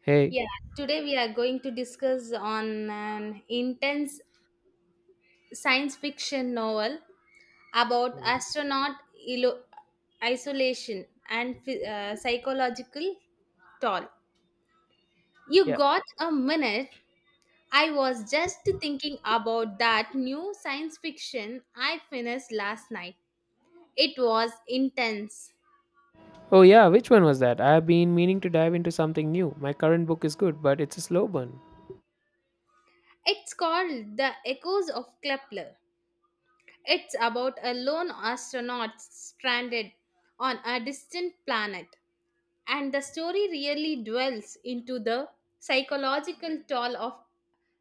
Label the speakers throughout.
Speaker 1: Hey.
Speaker 2: Yeah, today we are going to discuss on an intense science fiction novel about
Speaker 1: Mm.
Speaker 2: astronaut ilo- isolation and psychological toll. You
Speaker 1: Yeah.
Speaker 2: got a minute? I was just thinking about that new science fiction I finished last night. It was intense.
Speaker 1: Oh, yeah, which one was that? I've been meaning to dive into something new. My current book is good, but it's a slow burn.
Speaker 2: It's called The Echoes of Kepler. It's about a lone astronaut stranded on a distant planet, and the story really dwells into the psychological toll of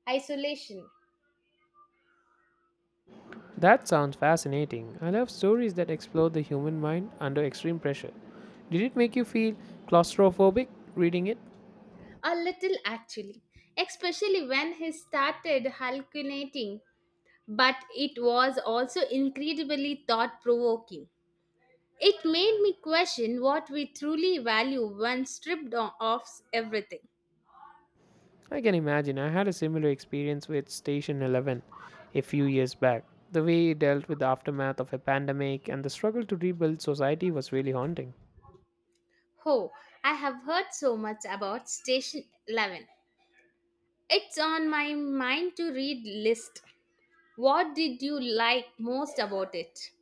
Speaker 2: isolation.
Speaker 1: That sounds fascinating. I love stories that explore the human mind under extreme pressure. Did it make you feel claustrophobic reading it?
Speaker 2: A little actually, especially when he started hallucinating, but it was also incredibly thought provoking. It made me question what we truly value when stripped of everything.
Speaker 1: I can imagine. I had a similar experience with Station 11 a few years back. The way it dealt with the aftermath of a pandemic and the struggle to rebuild society was really haunting.
Speaker 2: Oh, I have heard so much about Station 11. It's on my mind to read list. What did you like most about it?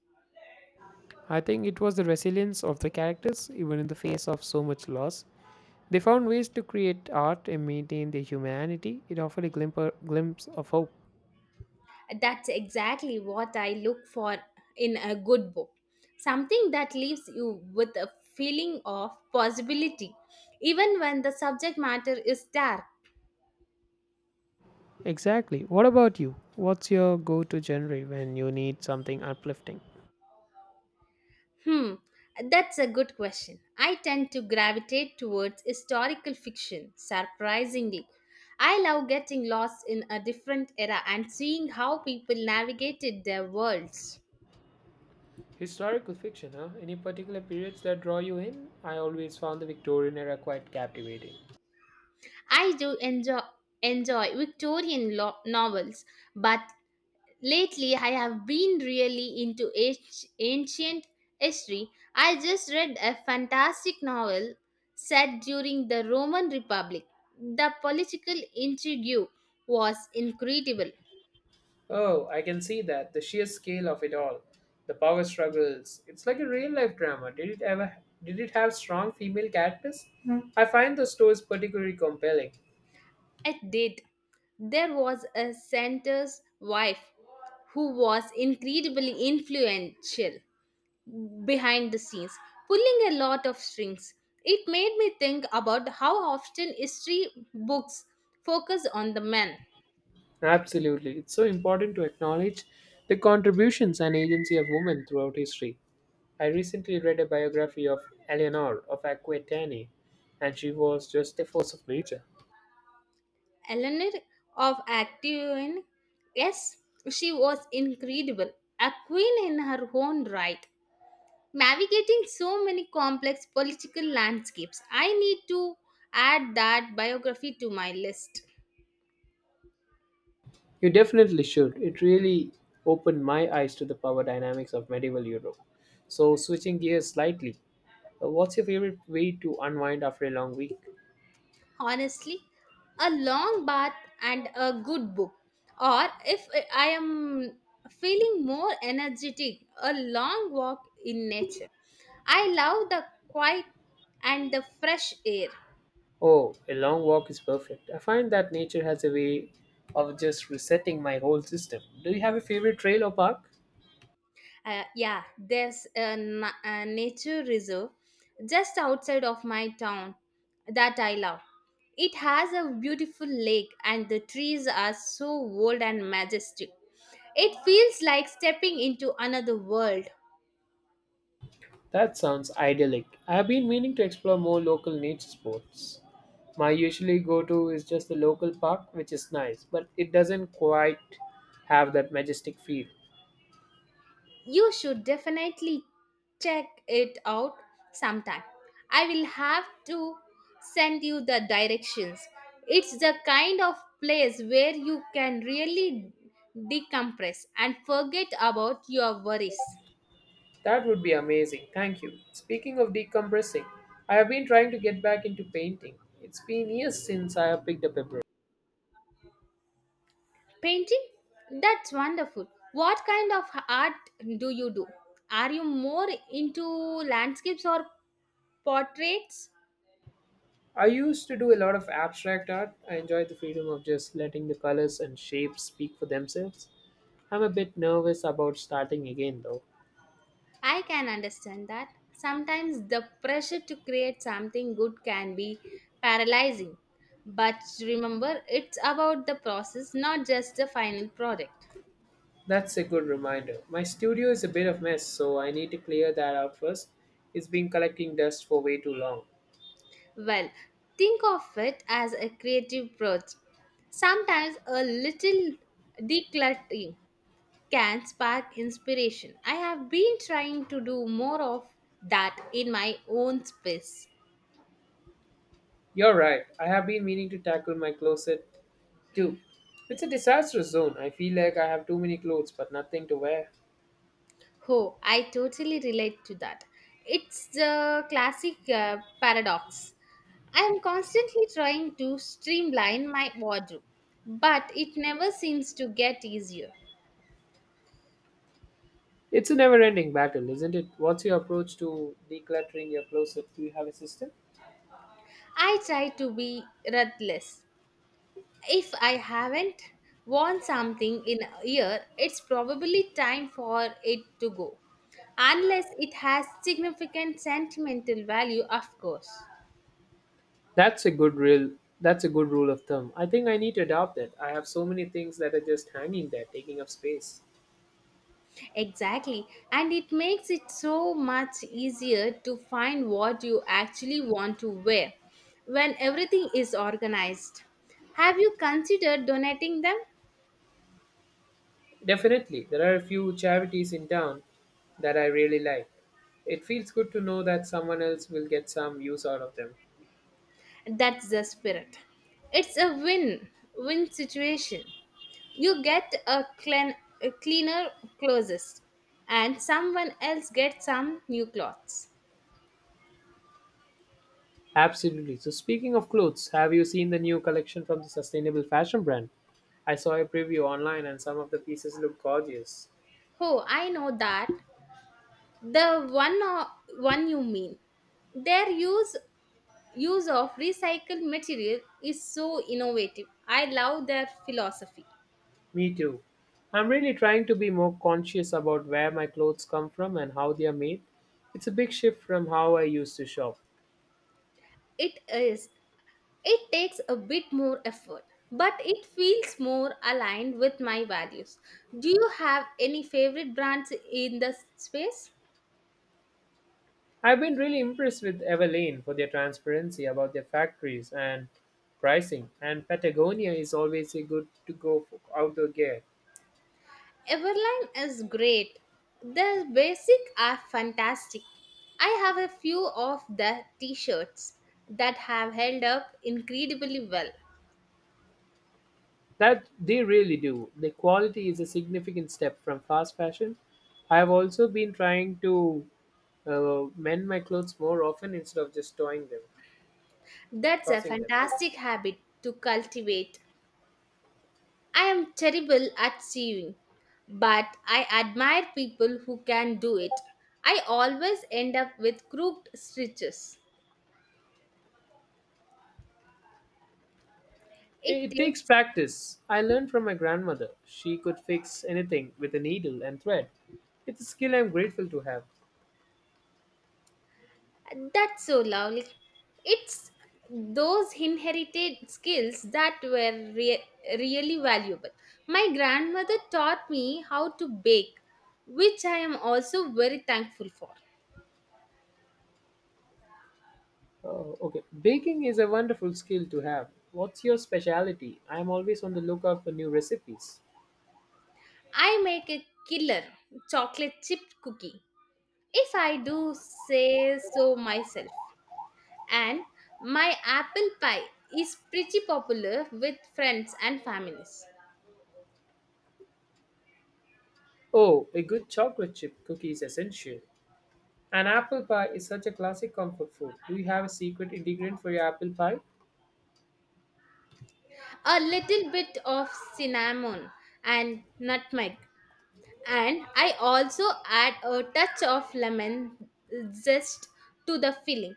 Speaker 1: I think it was the resilience of the characters, even in the face of so much loss. They found ways to create art and maintain their humanity. It offered a glimpse of hope.
Speaker 2: That's exactly what I look for in a good book. Something that leaves you with a feeling of possibility, even when the subject matter is dark.
Speaker 1: Exactly. What about you? What's your go to genre when you need something uplifting?
Speaker 2: Hmm, that's a good question. I tend to gravitate towards historical fiction, surprisingly. I love getting lost in a different era and seeing how people navigated their worlds.
Speaker 1: Historical fiction, huh? Any particular periods that draw you in? I always found the Victorian era quite captivating.
Speaker 2: I do enjoy Victorian novels, but lately I have been really into ancient history. I just read a fantastic novel set during the Roman Republic. The political intrigue was incredible.
Speaker 1: Oh, I can see that. The sheer scale of it all. The power struggles. It's like a real life drama. Did it have strong female characters? Hmm. I find those stories particularly compelling.
Speaker 2: It did. There was a senator's wife who was incredibly influential behind the scenes, pulling a lot of strings. It made me think about how often history books focus on the men.
Speaker 1: Absolutely. It's so important to acknowledge the contributions and agency of women throughout history. I recently read a biography of Eleanor of Aquitaine, and she was just a force of nature.
Speaker 2: Eleanor of Actium, yes, she was incredible, a queen in her own right, navigating so many complex political landscapes. I need to add that biography to my list.
Speaker 1: You definitely should. It really opened my eyes to the power dynamics of medieval Europe. So, switching gears slightly, what's your favorite way to unwind after a long week?
Speaker 2: Honestly, a long bath and a good book, or if I am feeling more energetic, a long walk in nature. I love the quiet and the fresh air.
Speaker 1: Oh, a long walk is perfect. I find that nature has a way of just resetting my whole system. Do you have a favorite trail or park?
Speaker 2: Yeah, there's a nature reserve just outside of my town that I love. It has a beautiful lake and the trees are so old and majestic. It feels like stepping into another world.
Speaker 1: That sounds idyllic. I've been meaning to explore more local nature sports. My usually go to is just the local park, which is nice, but it doesn't quite have that majestic feel.
Speaker 2: You should definitely check it out sometime. I will have to send you the directions. It's the kind of place where you can really decompress and forget about your worries.
Speaker 1: That would be amazing. Thank you. Speaking of decompressing, I have been trying to get back into painting. It's been years since I have picked up a brush.
Speaker 2: Painting? That's wonderful. What kind of art do you do? Are you more into landscapes or portraits?
Speaker 1: I used to do a lot of abstract art. I enjoyed the freedom of just letting the colors and shapes speak for themselves. I'm a bit nervous about starting again though.
Speaker 2: I can understand that. Sometimes the pressure to create something good can be paralyzing. But remember, it's about the process, not just the final product.
Speaker 1: That's a good reminder. My studio is a bit of mess, so I need to clear that out first. It's been collecting dust for way too long.
Speaker 2: Well, think of it as a creative project. Sometimes a little decluttering can spark inspiration. I have been trying to do more of that in my own space.
Speaker 1: You're right. I have been meaning to tackle my closet too. It's a disastrous zone. I feel like I have too many clothes but nothing to wear.
Speaker 2: Oh, I totally relate to that. It's the classic paradox. I am constantly trying to streamline my wardrobe, but it never seems to get easier.
Speaker 1: It's a never-ending battle, isn't it? What's your approach to decluttering your closet? Do you have a system?
Speaker 2: I try to be ruthless. If I haven't worn something in a year, it's probably time for it to go. Unless it has significant sentimental value, of course.
Speaker 1: That's a good rule. That's a good rule of thumb. I think I need to adopt that. I have so many things that are just hanging there, taking up space.
Speaker 2: Exactly. And it makes it so much easier to find what you actually want to wear when everything is organized. Have you considered donating them?
Speaker 1: Definitely, there are a few charities in town that I really like. It feels good to know that someone else will get some use out of them.
Speaker 2: That's the spirit. It's a win win situation. You get a cleaner clothes, and someone else gets some new clothes.
Speaker 1: Absolutely. So, speaking of clothes, have you seen the new collection from the sustainable fashion brand? I saw a preview online and some of the pieces look gorgeous.
Speaker 2: Oh, I know that. The one you mean. Their use of recycled material is so innovative. I love their philosophy.
Speaker 1: Me too. I'm really trying to be more conscious about where my clothes come from and how they are made. It's a big shift from how I used to shop.
Speaker 2: It is, it takes a bit more effort, but it feels more aligned with my values. Do you have any favorite brands in the space?
Speaker 1: I've been really impressed with Evelyn for their transparency about their factories and pricing. And Patagonia is always a good to go for outdoor gear.
Speaker 2: Everline is great. Their basic are fantastic. I have a few of the t-shirts that have held up incredibly well.
Speaker 1: That they really do. The quality is a significant step from fast fashion. I have also been trying to mend my clothes more often instead of
Speaker 2: That's a
Speaker 1: tossing them.
Speaker 2: fantastic habit to cultivate. I am terrible at sewing, but I admire people who can do it. I always end up with crooked stitches. It
Speaker 1: It takes
Speaker 2: takes
Speaker 1: practice. I learned from my grandmother. She could fix anything with a needle and thread. It's a skill I'm grateful to have.
Speaker 2: that's so lovely. It's those inherited skills that were really valuable. My grandmother taught me how to bake, which I am also very thankful for.
Speaker 1: Oh, okay. Baking is a wonderful skill to have. What's your specialty? I'm always on the lookout for new recipes.
Speaker 2: I make a killer chocolate chip cookie, if I do say so myself, and my apple pie is pretty popular with friends and families.
Speaker 1: Oh, a good chocolate chip cookie is essential. An apple pie is such a classic comfort food. Do you have a secret ingredient for your apple pie?
Speaker 2: A little bit of cinnamon and nutmeg, and I also add a touch of lemon zest to the filling.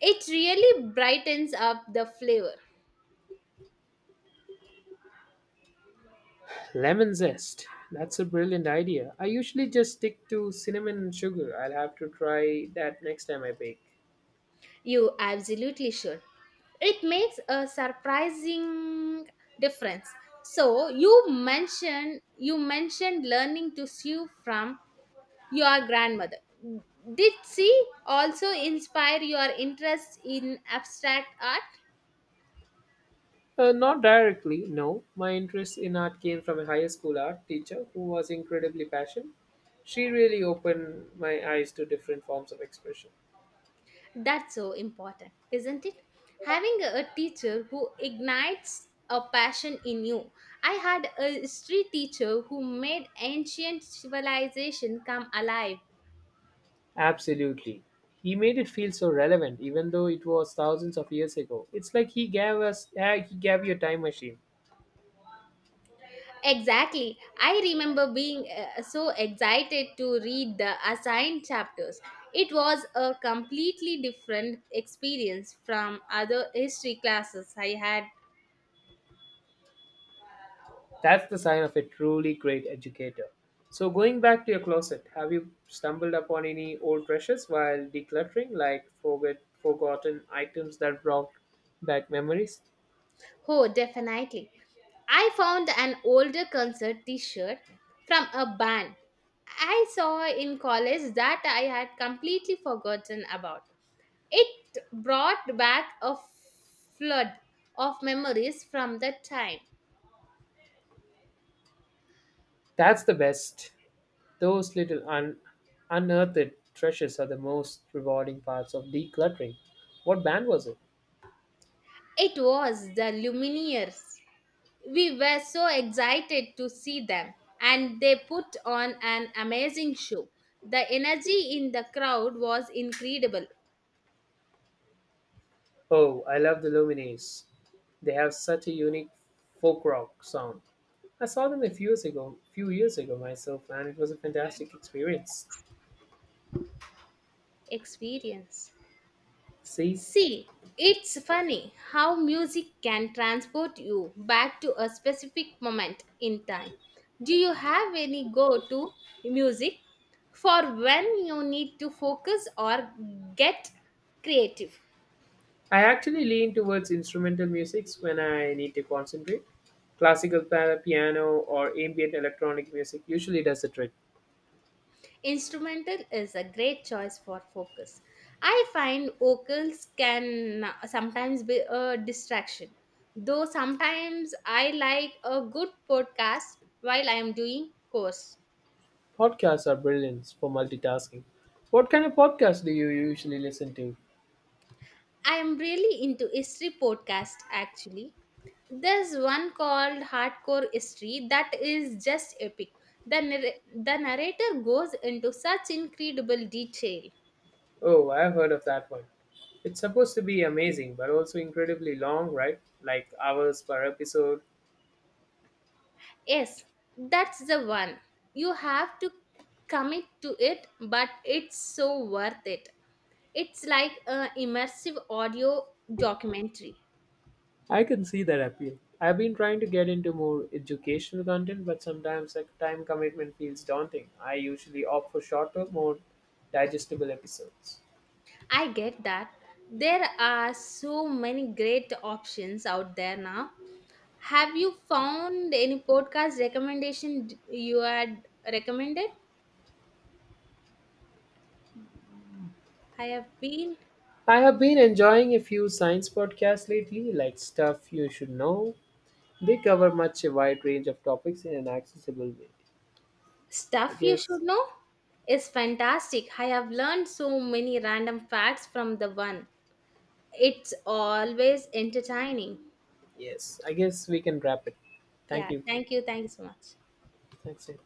Speaker 2: It really brightens up the flavor.
Speaker 1: Lemon zest. That's a brilliant idea. I usually just stick to cinnamon and sugar. I'll have to try that next time I bake.
Speaker 2: You absolutely should. It makes a surprising difference. So you mentioned learning to sew from your grandmother. Did she also inspire your interest in abstract art?
Speaker 1: Not directly, no. My interest in art came from a high school art teacher who was incredibly passionate. She really opened my eyes to different forms of expression.
Speaker 2: That's so important, isn't it? Having a teacher who ignites a passion in you. I had a history teacher who made ancient civilization come alive.
Speaker 1: Absolutely. He made it feel so relevant, even though it was thousands of years ago. It's like he gave he gave you a time machine.
Speaker 2: Exactly. I remember being so excited to read the assigned chapters. It was a completely different experience from other history classes I had.
Speaker 1: That's the sign of a truly great educator. So, going back to your closet, have you stumbled upon any old treasures while decluttering, like forgotten items that brought back memories?
Speaker 2: Oh, definitely. I found an older concert t shirt from a band I saw in college that I had completely forgotten about. It brought back a flood of memories from that time.
Speaker 1: That's the best. Those little unearthed treasures are the most rewarding parts of decluttering. What band was it?
Speaker 2: It was the Lumineers. We were so excited to see them, and they put on an amazing show. The energy in the crowd was incredible.
Speaker 1: Oh, I love the Lumineers. They have such a unique folk rock sound. I saw them a few years ago myself, and it was a fantastic experience.
Speaker 2: Experience.
Speaker 1: See,
Speaker 2: See, it's funny how music can transport you back to a specific moment in time. Do you have any go to music for when you need to focus or get creative?
Speaker 1: I actually lean towards instrumental musics when I need to concentrate. Classical piano or ambient electronic music usually does the trick.
Speaker 2: Instrumental is a great choice for focus. I find vocals can sometimes be a distraction, though sometimes I like a good podcast while I am doing course.
Speaker 1: Podcasts are brilliant for multitasking. What kind of podcast do you usually listen to?
Speaker 2: I am really into history podcast actually. There's one called Hardcore History that is just epic. The narrator goes into such incredible detail.
Speaker 1: Oh, I've heard of that one. It's supposed to be amazing, but also incredibly long, right? Like hours per episode.
Speaker 2: Yes, that's the one. You have to commit to it, but it's so worth it. It's like an immersive audio documentary.
Speaker 1: I can see that appeal. I've been trying to get into more educational content, but sometimes the time commitment feels daunting. I usually opt for shorter, more digestible episodes.
Speaker 2: I get that. There are so many great options out there now. Have you found any you had recommended? I have been.
Speaker 1: I have been enjoying a few science podcasts lately, like Stuff You Should Know. They cover much a wide range of topics in an accessible way. I
Speaker 2: Stuff you should
Speaker 1: guess,
Speaker 2: know is fantastic. I have learned so many random facts from the one. It's always entertaining.
Speaker 1: yes, I guess we can wrap it. Thank
Speaker 2: Yeah,
Speaker 1: you.
Speaker 2: thank you. Thank you so much.
Speaker 1: Thanks. Sid.